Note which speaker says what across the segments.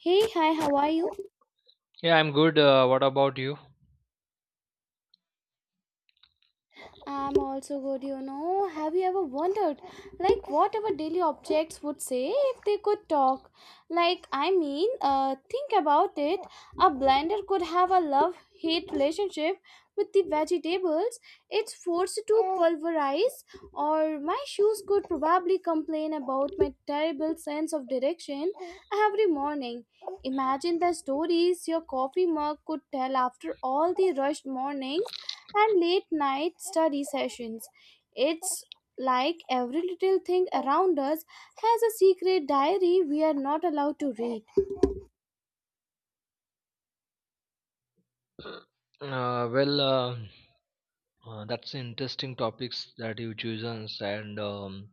Speaker 1: Hey, hi, how are you?
Speaker 2: Yeah, I'm good. What about you?
Speaker 1: I'm also good, you know. Have you ever wondered, like, what our daily objects would say if they could talk? Like, I mean, think about it. A blender could have a love hate relationship with the vegetables it's forced to pulverize, or my shoes could probably complain about my terrible sense of direction every morning. Imagine the stories your coffee mug could tell after all the rushed mornings and late night study sessions. It's like every little thing around us has a secret diary we are not allowed to read.
Speaker 2: Well, that's interesting topics that you chosen, and um,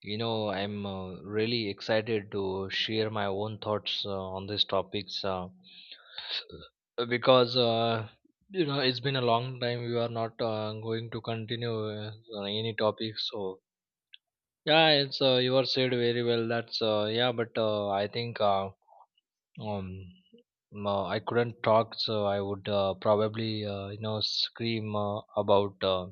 Speaker 2: you know, I'm really excited to share my own thoughts on these topics because it's been a long time. We are not going to continue on any topic, so yeah, it's you are said very well. That's yeah, but I think. Um, no, I couldn't talk, so I would probably scream about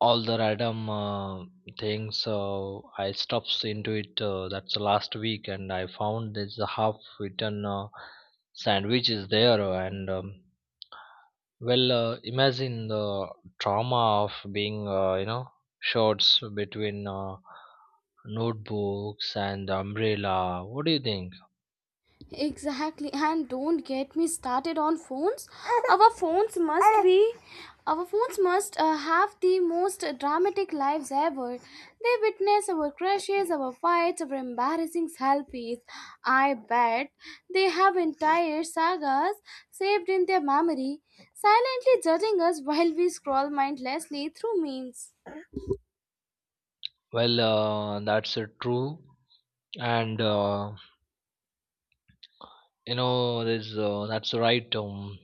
Speaker 2: all the random things. So I stopped into it. That's last week, and I found this half-eaten sandwich is there, and imagine the trauma of being shorts between notebooks and the umbrella. What do you think?
Speaker 1: Exactly, and don't get me started on phones. Our phones must be, our phones must have the most dramatic lives ever. They witness our crushes, our fights, our embarrassing selfies. I bet they have entire sagas saved in their memory, silently judging us while we scroll mindlessly through memes.
Speaker 2: Well, that's true and there's that's right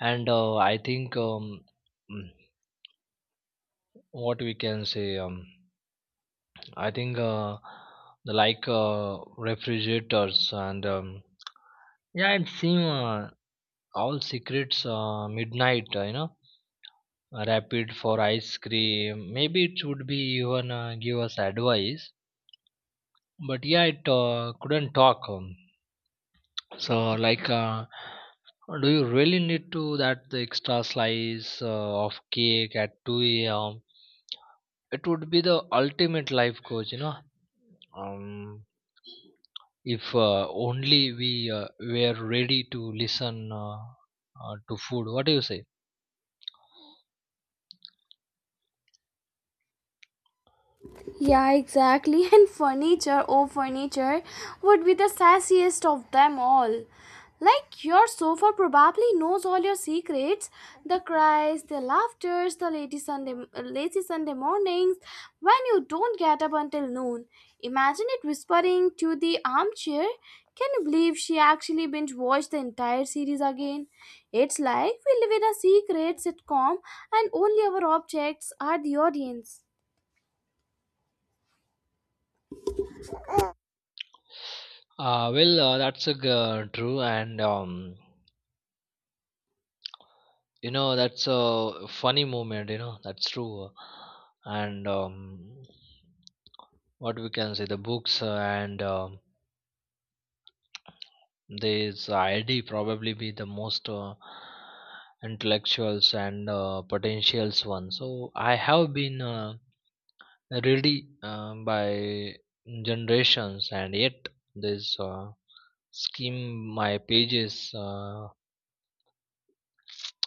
Speaker 2: and I think mm, what we can say I think the like refrigerators and yeah it seem all secrets midnight rapid for ice cream maybe it would be even give us advice but yeah it couldn't talk So, do you really need to that the extra slice of cake at 2 a.m.? It would be the ultimate life coach. Um, if only we were ready to listen to food. What do you say?
Speaker 1: Yeah, exactly. And furniture, oh furniture, would be the sassiest of them all. Like your sofa probably knows all your secrets, the cries, the laughters, lazy Sunday mornings when you don't get up until noon. Imagine it whispering to the armchair. Can you believe she actually binge watched the entire series again? It's like we live in a secret sitcom and only our objects are the audience.
Speaker 2: Well, that's a g- true, and that's a funny moment. You know that's true, and what we can say the books and this ID probably be the most intellectuals and potentials one. So I have been ready by generations, and yet this skim my pages uh,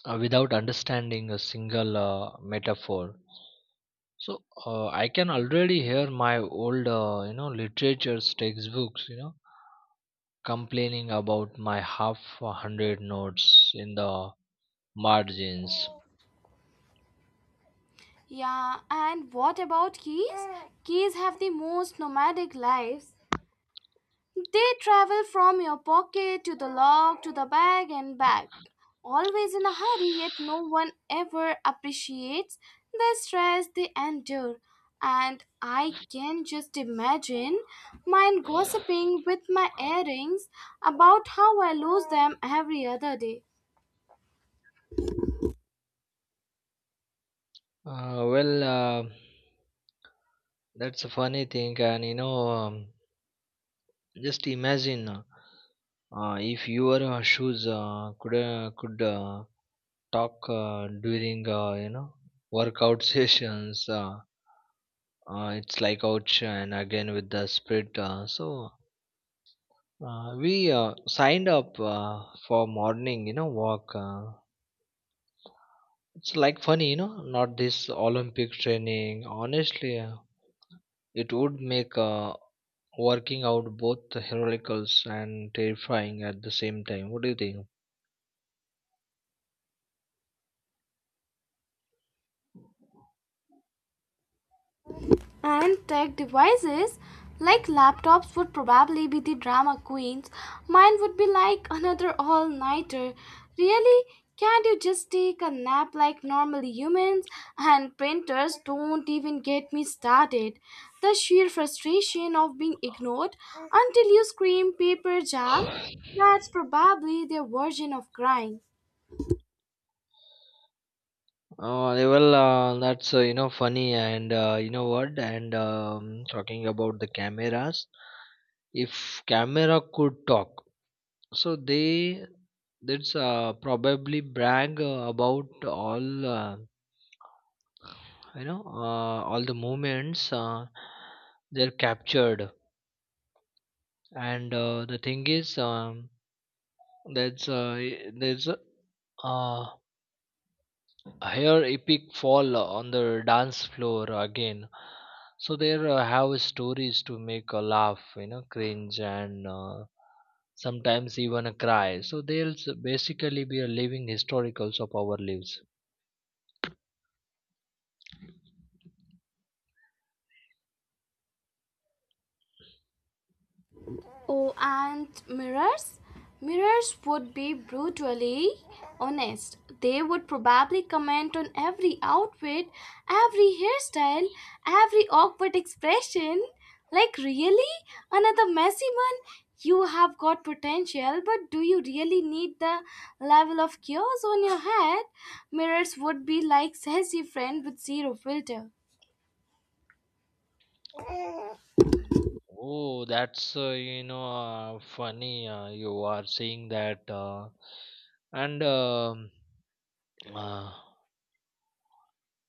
Speaker 2: uh, without understanding a single metaphor. So I can already hear my old, literature's textbooks, complaining about my half a hundred notes in the margins.
Speaker 1: Yeah, and what about keys? Keys have the most nomadic lives. They travel from your pocket to the lock to the bag and back, always in a hurry, yet no one ever appreciates the stress they endure. And I can just imagine mine gossiping with my earrings about how I lose them every other day.
Speaker 2: Well, that's a funny thing, and just imagine if your shoes could talk during workout sessions. It's like ouch, and again with the sprint. So we signed up for morning, walk. It's like funny, not this Olympic training. Honestly, it would make working out both heroicals and terrifying at the same time. What do you think?
Speaker 1: And tech devices like laptops would probably be the drama queens. Mine would be like, another all-nighter, really? Can't you just take a nap like normal humans? And printers, don't even get me started. The sheer frustration of being ignored until you scream paper jam, that's probably their version of crying.
Speaker 2: Well, that's funny and what? And talking about the cameras, if camera could talk, so they that's probably brag about all all the moments they're captured. And the thing is. That's there's a uh, hair epic fall on the dance floor again. So there have stories to make a laugh, cringe and sometimes even a cry. So they'll basically be a living historicals of our lives.
Speaker 1: Oh, and mirrors? Mirrors would be brutally honest. They would probably comment on every outfit, every hairstyle, every awkward expression. Like, really? Another messy one? You have got potential, but do you really need the level of chaos on your head? Mirrors would be like sassy friend with zero filter.
Speaker 2: Oh, that's funny. You are saying that, and uh,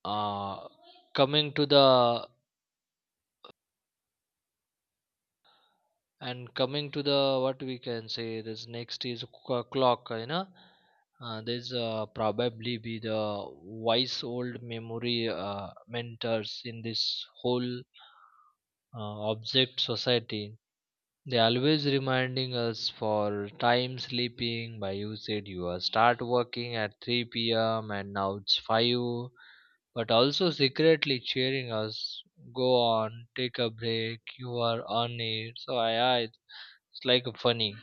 Speaker 2: uh, coming to the what we can say this next is clock. There's probably be the wise old memory mentors in this whole object society. They always reminding us for time sleeping by. You said you are start working at 3 p.m. and now it's 5, but also secretly cheering us, go on take a break you are on it. So I it's like a funny.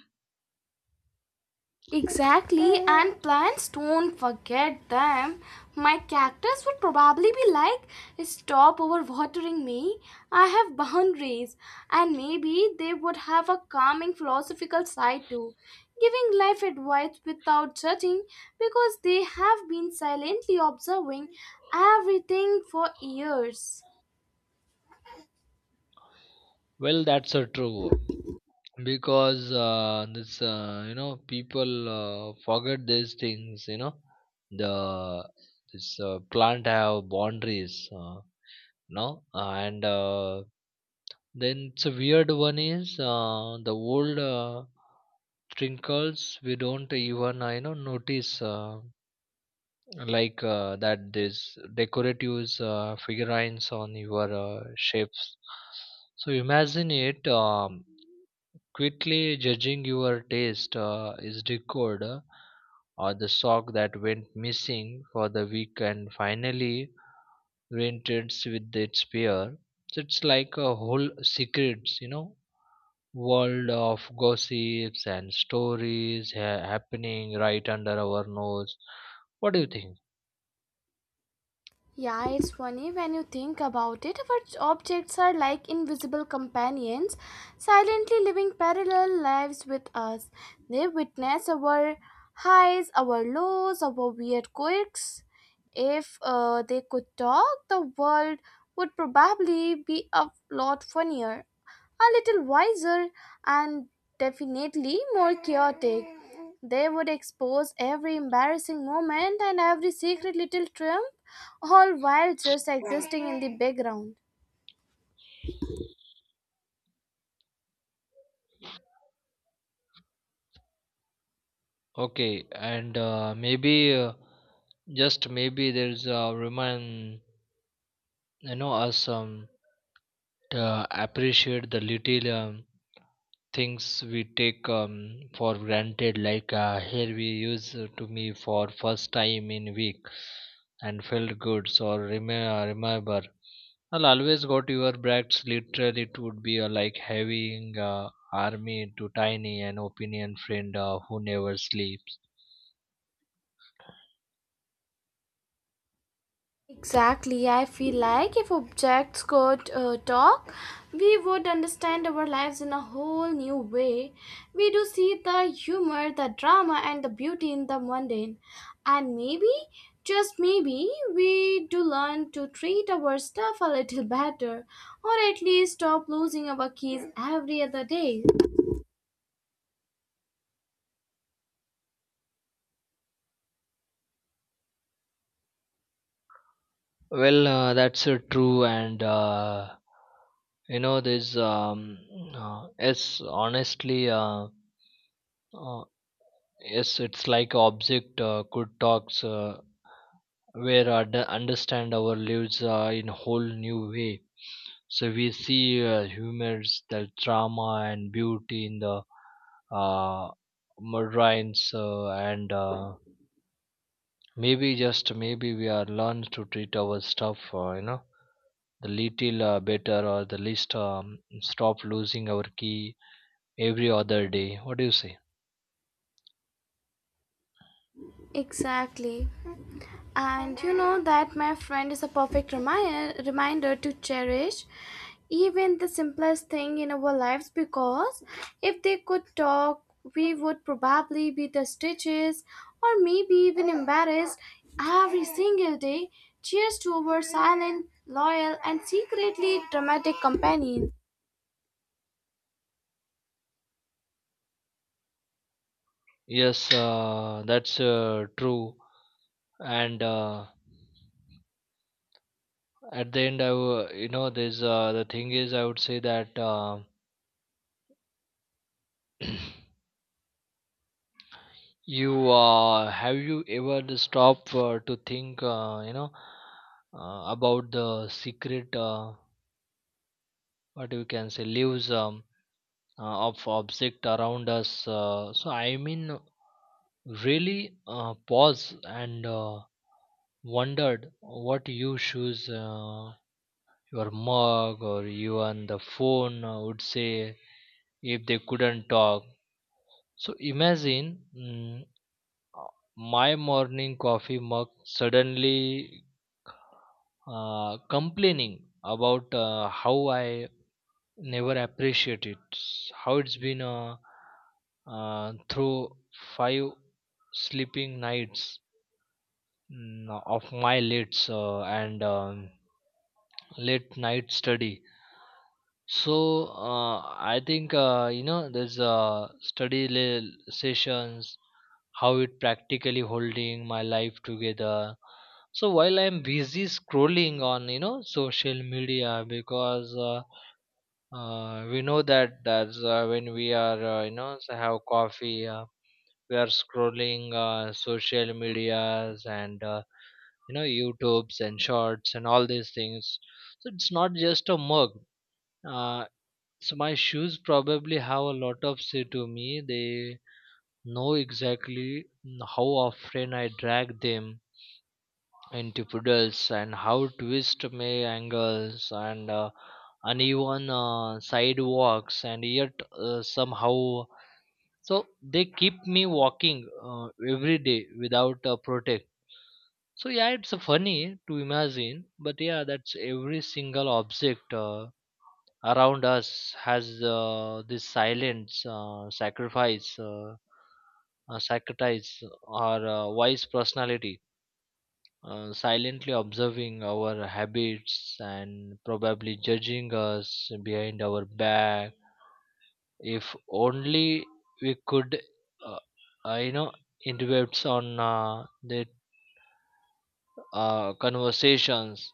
Speaker 1: Exactly, and plants, don't forget them. My cactus would probably be like, stop overwatering me. I have boundaries. And maybe they would have a calming philosophical side too, giving life advice without judging because they have been silently observing everything for years.
Speaker 2: Well, that's a true because this people forget these things, the this plant have boundaries uh, no and then it's a weird one is the old trinkles we don't even notice like that this decorative figurines on your shapes. So imagine it quickly judging your taste is decode, or the sock that went missing for the week and finally reenters with its pair. So it's like a whole secrets, world of gossips and stories happening right under our nose. What do you think?
Speaker 1: Yeah, it's funny when you think about it. Our objects are like invisible companions, silently living parallel lives with us. They witness our highs, our lows, our weird quirks. If they could talk, the world would probably be a lot funnier, a little wiser, and definitely more chaotic. They would expose every embarrassing moment and every secret little triumph, all while just existing in the background.
Speaker 2: Okay, and maybe just maybe there's a remind, us to appreciate the little things we take for granted, like here we use to me for first time in week and felt good. So remember I'll always got your bracts literally. It would be like having army to tiny an opinion friend who never sleeps.
Speaker 1: Exactly, I feel like if objects could talk, we would understand our lives in a whole new way. We do see the humor, the drama, and the beauty in the mundane. And maybe, just maybe, we do learn to treat our stuff a little better, or at least stop losing our keys every other day.
Speaker 2: Well, that's true and this it's honestly uh, yes, it's like object could talks where understand our lives in whole new way. So we see humors, the drama and beauty in the uh, murderines, and maybe just maybe we are learned to treat our stuff, the little better or the least stop losing our key every other day. What do you say?
Speaker 1: Exactly. And you know, that my friend is a perfect reminder to cherish even the simplest thing in our lives because if they could talk, we would probably be the stitches or maybe even embarrassed every single day. Cheers to our silent, loyal, and secretly dramatic companion.
Speaker 2: Yes, that's true. And at the end I there's the thing is I would say that, you have you ever stopped to think, about the secret, what you can say lives of object around us so I mean really pause and wondered what you choose your mug or even the phone, I would say, if they couldn't talk. So imagine my morning coffee mug suddenly complaining about how I never appreciate it, how it's been through five sleeping nights, of my late and late night study. So I think there's study sessions how it practically holding my life together, so while I'm busy scrolling on, social media because we know that that's when we are so have coffee we are scrolling social medias and youtubes and shorts and all these things. So it's not just a mug. uh, so my shoes probably have a lot of say to me, they know exactly how often I drag them into puddles and how twist my angles and uneven sidewalks, and yet somehow so they keep me walking every day without a protect. So yeah, it's funny to imagine, but yeah, that's every single object around us has this silent sacrifice or wise personality, silently observing our habits and probably judging us behind our back. If only we could uh, uh, you know interrupt on the conversations.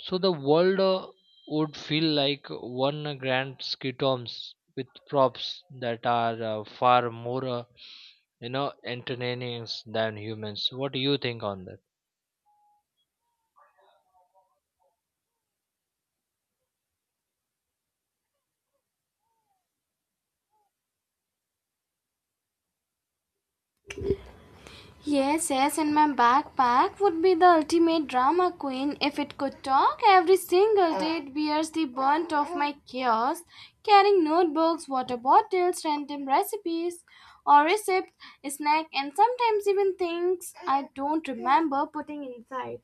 Speaker 2: So the world would feel like one grand skitoms with props that are far more entertaining than humans. What do you think on that?
Speaker 1: Yes, yes, and my backpack would be the ultimate drama queen. If it could talk, every single day it bears the brunt of my chaos, carrying notebooks, water bottles, random recipes or receipts, snack, and sometimes even things I don't remember putting inside.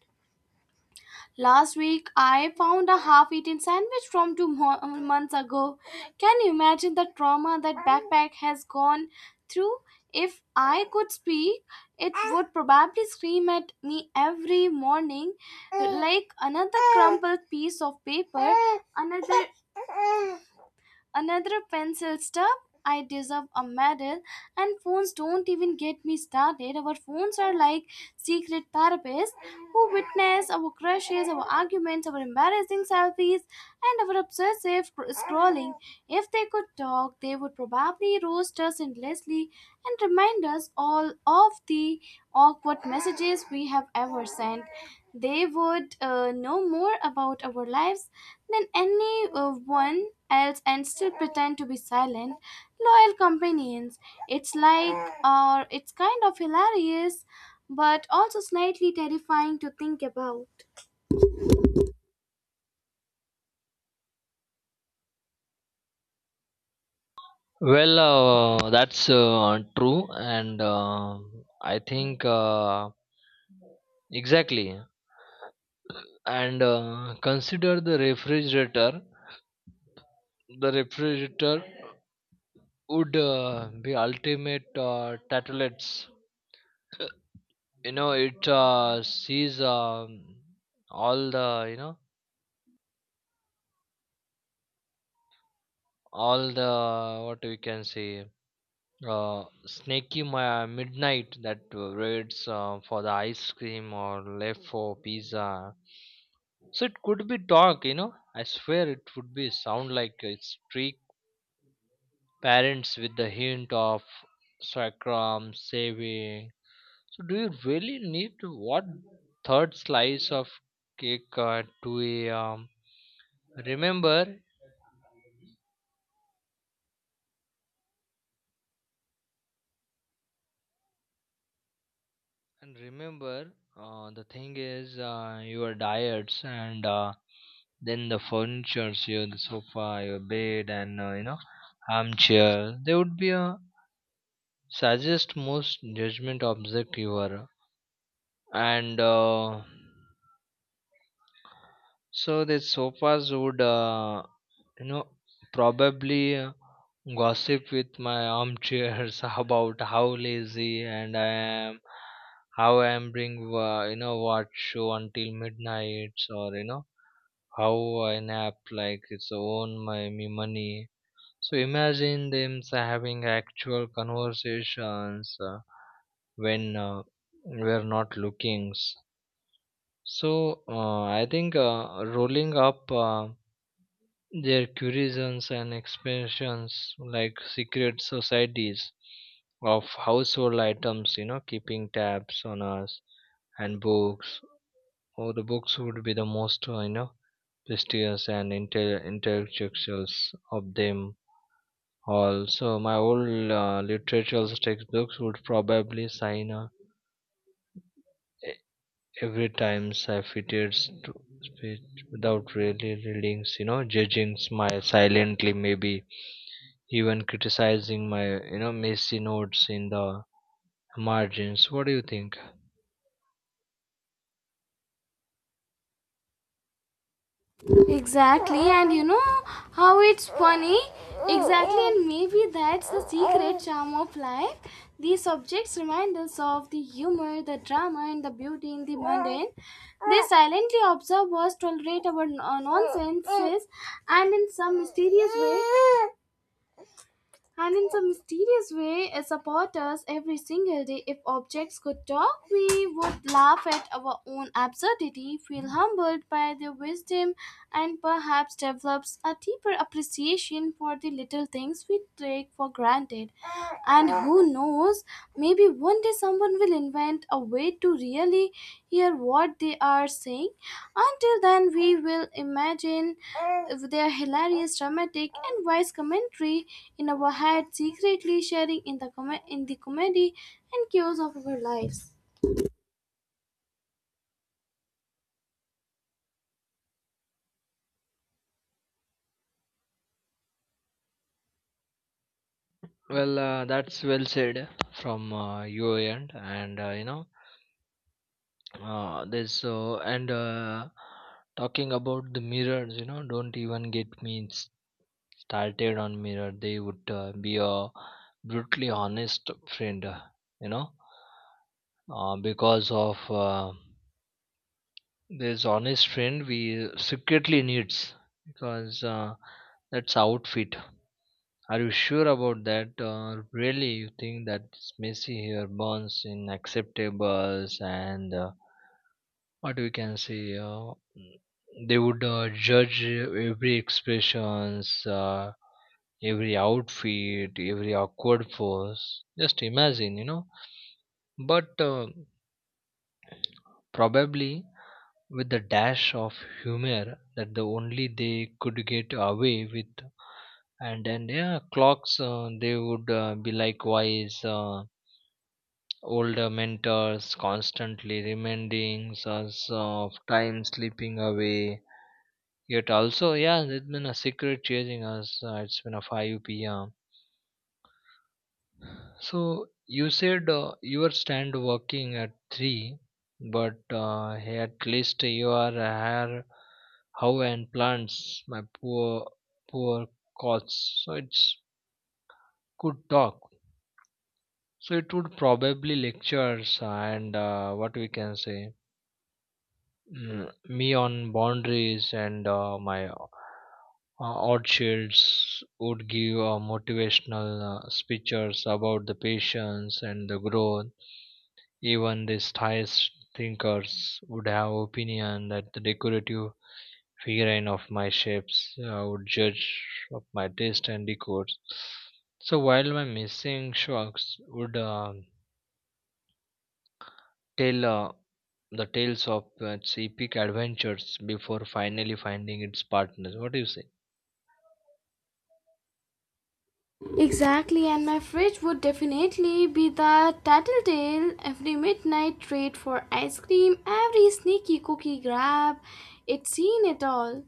Speaker 1: Last week, I found a half eaten sandwich from two months ago. Can you imagine the trauma that backpack has gone through? If I could speak, it would probably scream at me every morning, like another crumpled piece of paper, another another pencil stub. I deserve a medal. And phones, don't even get me started. Our phones are like secret therapists who witness our crushes, our arguments, our embarrassing selfies, and our obsessive scrolling. If they could talk, they would probably roast us endlessly and remind us all of the awkward messages we have ever sent. They would know more about our lives than anyone else and still pretend to be silent, loyal companions. It's like, or it's kind of hilarious, but also slightly terrifying to think about.
Speaker 2: Well, that's true, and I think exactly. And consider the refrigerator. The refrigerator would be ultimate tattlets, it sees all the all the what we can say snaky midnight that waits for the ice cream or left for pizza. So it could be dark, I swear it would be sound like it's trick parents with the hint of sacrum saving. So do you really need to what third slice of cake at 2 a.m? Remember, and remember, the thing is your diets, and then the furnitures, your the sofa, your bed, and armchair. They would be a suggest most judgment object you are, and so the sofas would, you know, probably gossip with my armchairs about how lazy and I am, how I am bring, watch show until midnight, or how I nap like it's own my me money. So imagine them having actual conversations when we're not looking. So I think rolling up. Their curisons and expansions like secret societies of household items, you know, keeping tabs on us. And books, or the books would be the most you know, prestigious and intellectuals of them all. So my old literature textbooks would probably sign e- every time I fitted to speech without really reading, you know, judging, smile silently, maybe even criticizing my, you know, messy notes in the margins. What do you think?
Speaker 1: Exactly, and you know how it's funny? Exactly, and maybe that's the secret charm of life. These objects remind us of the humor, the drama, and the beauty in the mundane. They silently observe us, tolerate our n- nonsenses, and in some mysterious way, and in some mysterious way, it supports us every single day. If objects could talk, we would laugh at our own absurdity, feel humbled by their wisdom, and perhaps develops a deeper appreciation for the little things we take for granted. And who knows? Knows, maybe one day someone will invent a way to really hear what they are saying. Until then, we will imagine their hilarious, dramatic, and wise commentary in our head, secretly sharing in the in the comedy and chaos of our lives.
Speaker 2: Well, that's well said from your end, and you know, this and talking about the mirrors, you know, don't even get me started on mirror. They would be a brutally honest friend, you know, because of this honest friend we secretly needs, because that's outfit. Are you sure about that, or really you think that this Messi here burns in acceptables and what we can say? They would judge every expressions, every outfit, every awkward pose. Just imagine, you know. But probably with the dash of humor that the only they could get away with, and then yeah, clocks they would be likewise. Older mentors constantly reminding us of time slipping away. Yet also, yeah, it's been a secret chasing us. It's been a 5 p.m. So you said you were stand working at 3, but hey, at least you are hair, how and plants, my poor, poor cots. So it's good talk. So it would probably lectures and what we can say, me on boundaries, and my odd shades would give motivational speeches about the patience and the growth. Even these highest thinkers would have opinion that the decorative figurine of my shapes would judge of my taste and decor. So while my missing sharks would uh, tell the tales of its epic adventures before finally finding its partner. What do you say?
Speaker 1: Exactly, and my fridge would definitely be the tattletale. Every midnight trade for ice cream, every sneaky cookie grab, it's seen it all.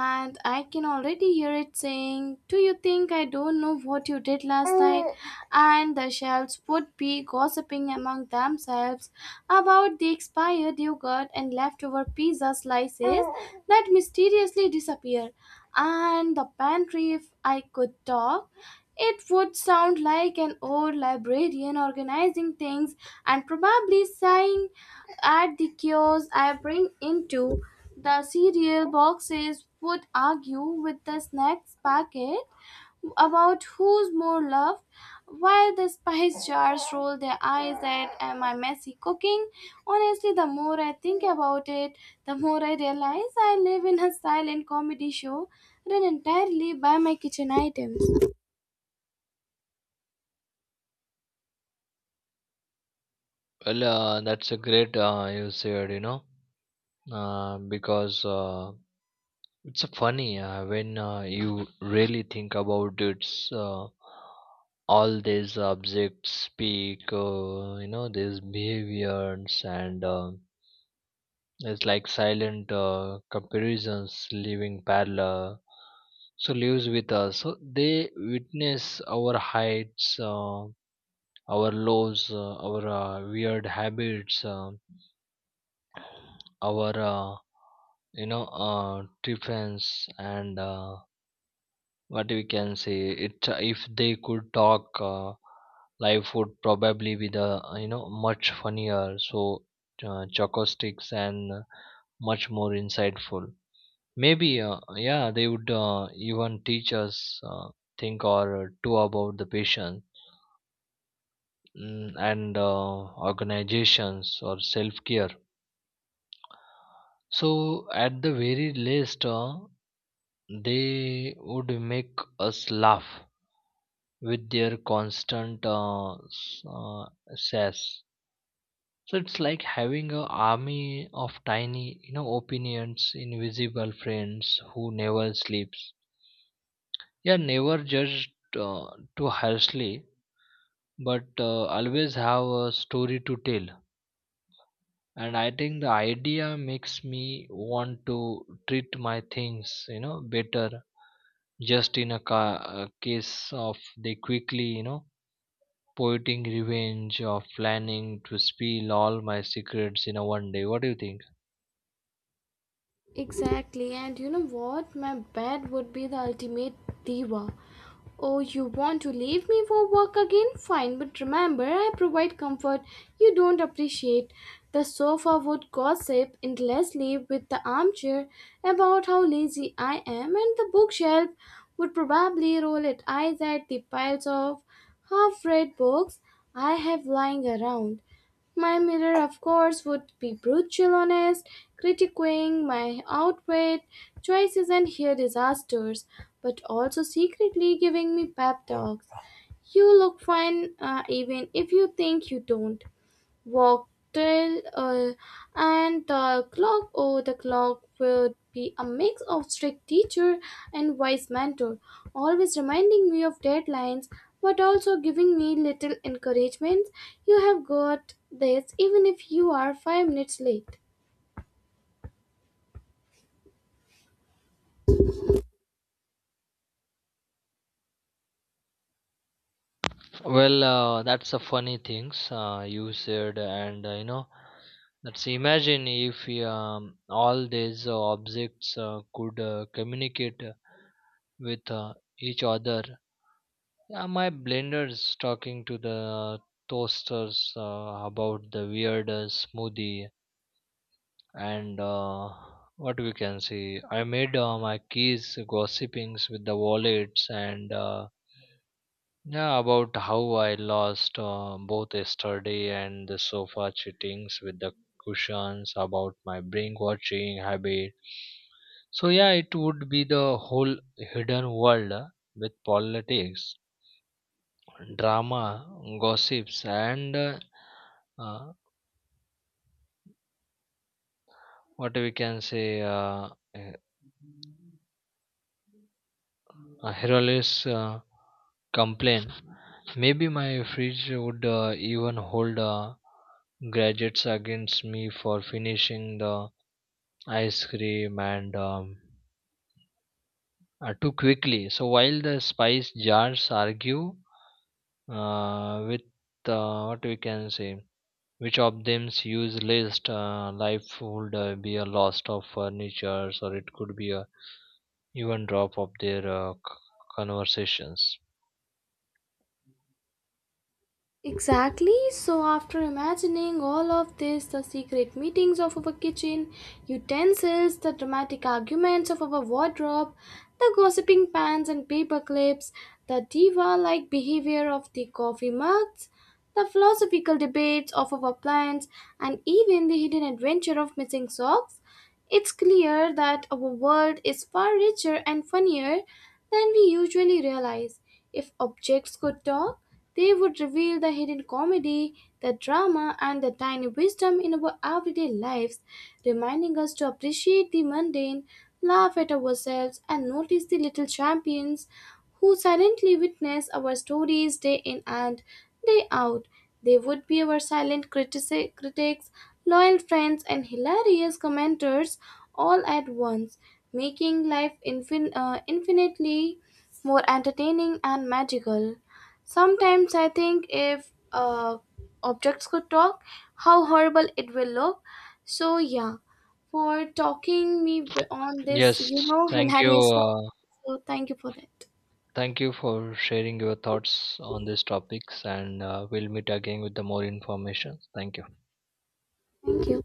Speaker 1: And I can already hear it saying, do you think I don't know what you did last night? And the shells would be gossiping among themselves about the expired yogurt and leftover pizza slices that mysteriously disappear. And the pantry, if I could talk, it would sound like an old librarian organizing things and probably sighing at the chaos I bring into. The cereal boxes would argue with the snacks packet about who's more loved, while the spice jars roll their eyes at my messy cooking. Honestly, the more I think about it, the more I realize I live in a silent comedy show run entirely by my kitchen items.
Speaker 2: Well, that's a great you said, you know, because it's funny when you really think about it. uh, all these objects speak, you know, these behaviors and. It's like silent comparisons living parallel. So lives with us. So they witness our heights, our lows, our weird habits, our you know defense, and what we can say. It if they could talk, life would probably be the you know much funnier. So chocosticks and much more insightful. Maybe, yeah, they would even teach us think or two about the patient and organizations or self care. So, at the very least, they would make us laugh with their constant sass. So it's like having an army of tiny, you know, opinions, invisible friends who never sleeps. Yeah, never judged uh, too harshly, but always have a story to tell. And I think the idea makes me want to treat my things, you know, better, just in a, a case of they quickly, you know, poeting revenge or planning to spill all my secrets in a one day. What do you think?
Speaker 1: Exactly, and you know what? My bed would be the ultimate diva. Oh, you want to leave me for work again? Fine, but remember, I provide comfort you don't appreciate. The sofa would gossip endlessly with the armchair about how lazy I am, and the bookshelf would probably roll its eyes at the piles of half read books I have lying around. My mirror, of course, would be brutal honest, critiquing my outfit, choices, and hair disasters, but also secretly giving me pep talks. You look fine, even if you think you don't. Wagtail, and the clock. Oh, the clock would be a mix of strict teacher and wise mentor, always reminding me of deadlines, but also giving me little encouragement. You have got this, even if you are 5 minutes late.
Speaker 2: Well, that's a funny things you said, and you know, let's imagine if all these objects could communicate with each other. Yeah, my blender's talking to the toasters about the weird smoothie, and what we can see. I made my keys gossipings with the wallets and yeah, about how I lost both yesterday, and the sofa cheatings with the cushions, about my brain watching habit. So, yeah, it would be the whole hidden world with politics, drama, gossips, and uh, what we can say uh, Hercules complained, maybe my fridge would even hold gadgets against me for finishing the ice cream and too quickly. So while the spice jars argue with what we can say, which of them's use list, life would be a loss of furniture, or it could be a even drop of their conversations.
Speaker 1: Exactly. So, after imagining all of this, the secret meetings of our kitchen, utensils, the dramatic arguments of our wardrobe, the gossiping pans and paper clips, the diva like behavior of the coffee mugs, the philosophical debates of our plans, and even the hidden adventure of missing socks. It's clear that our world is far richer and funnier than we usually realize. If objects could talk, they would reveal the hidden comedy, the drama, and the tiny wisdom in our everyday lives, reminding us to appreciate the mundane, laugh at ourselves, and notice the little champions who silently witness our stories day in and day out. They would be our silent critics, loyal friends, and hilarious commenters all at once, making life infinitely more entertaining and magical. Sometimes I think, if objects could talk, how horrible it will look. So, yeah, for talking me on this,
Speaker 2: Yes,
Speaker 1: you know,
Speaker 2: thank you.
Speaker 1: hilarious topic. So, thank you for that.
Speaker 2: Thank you for sharing your thoughts on these topics, and we'll meet again with the more information. Thank you.
Speaker 1: Thank you.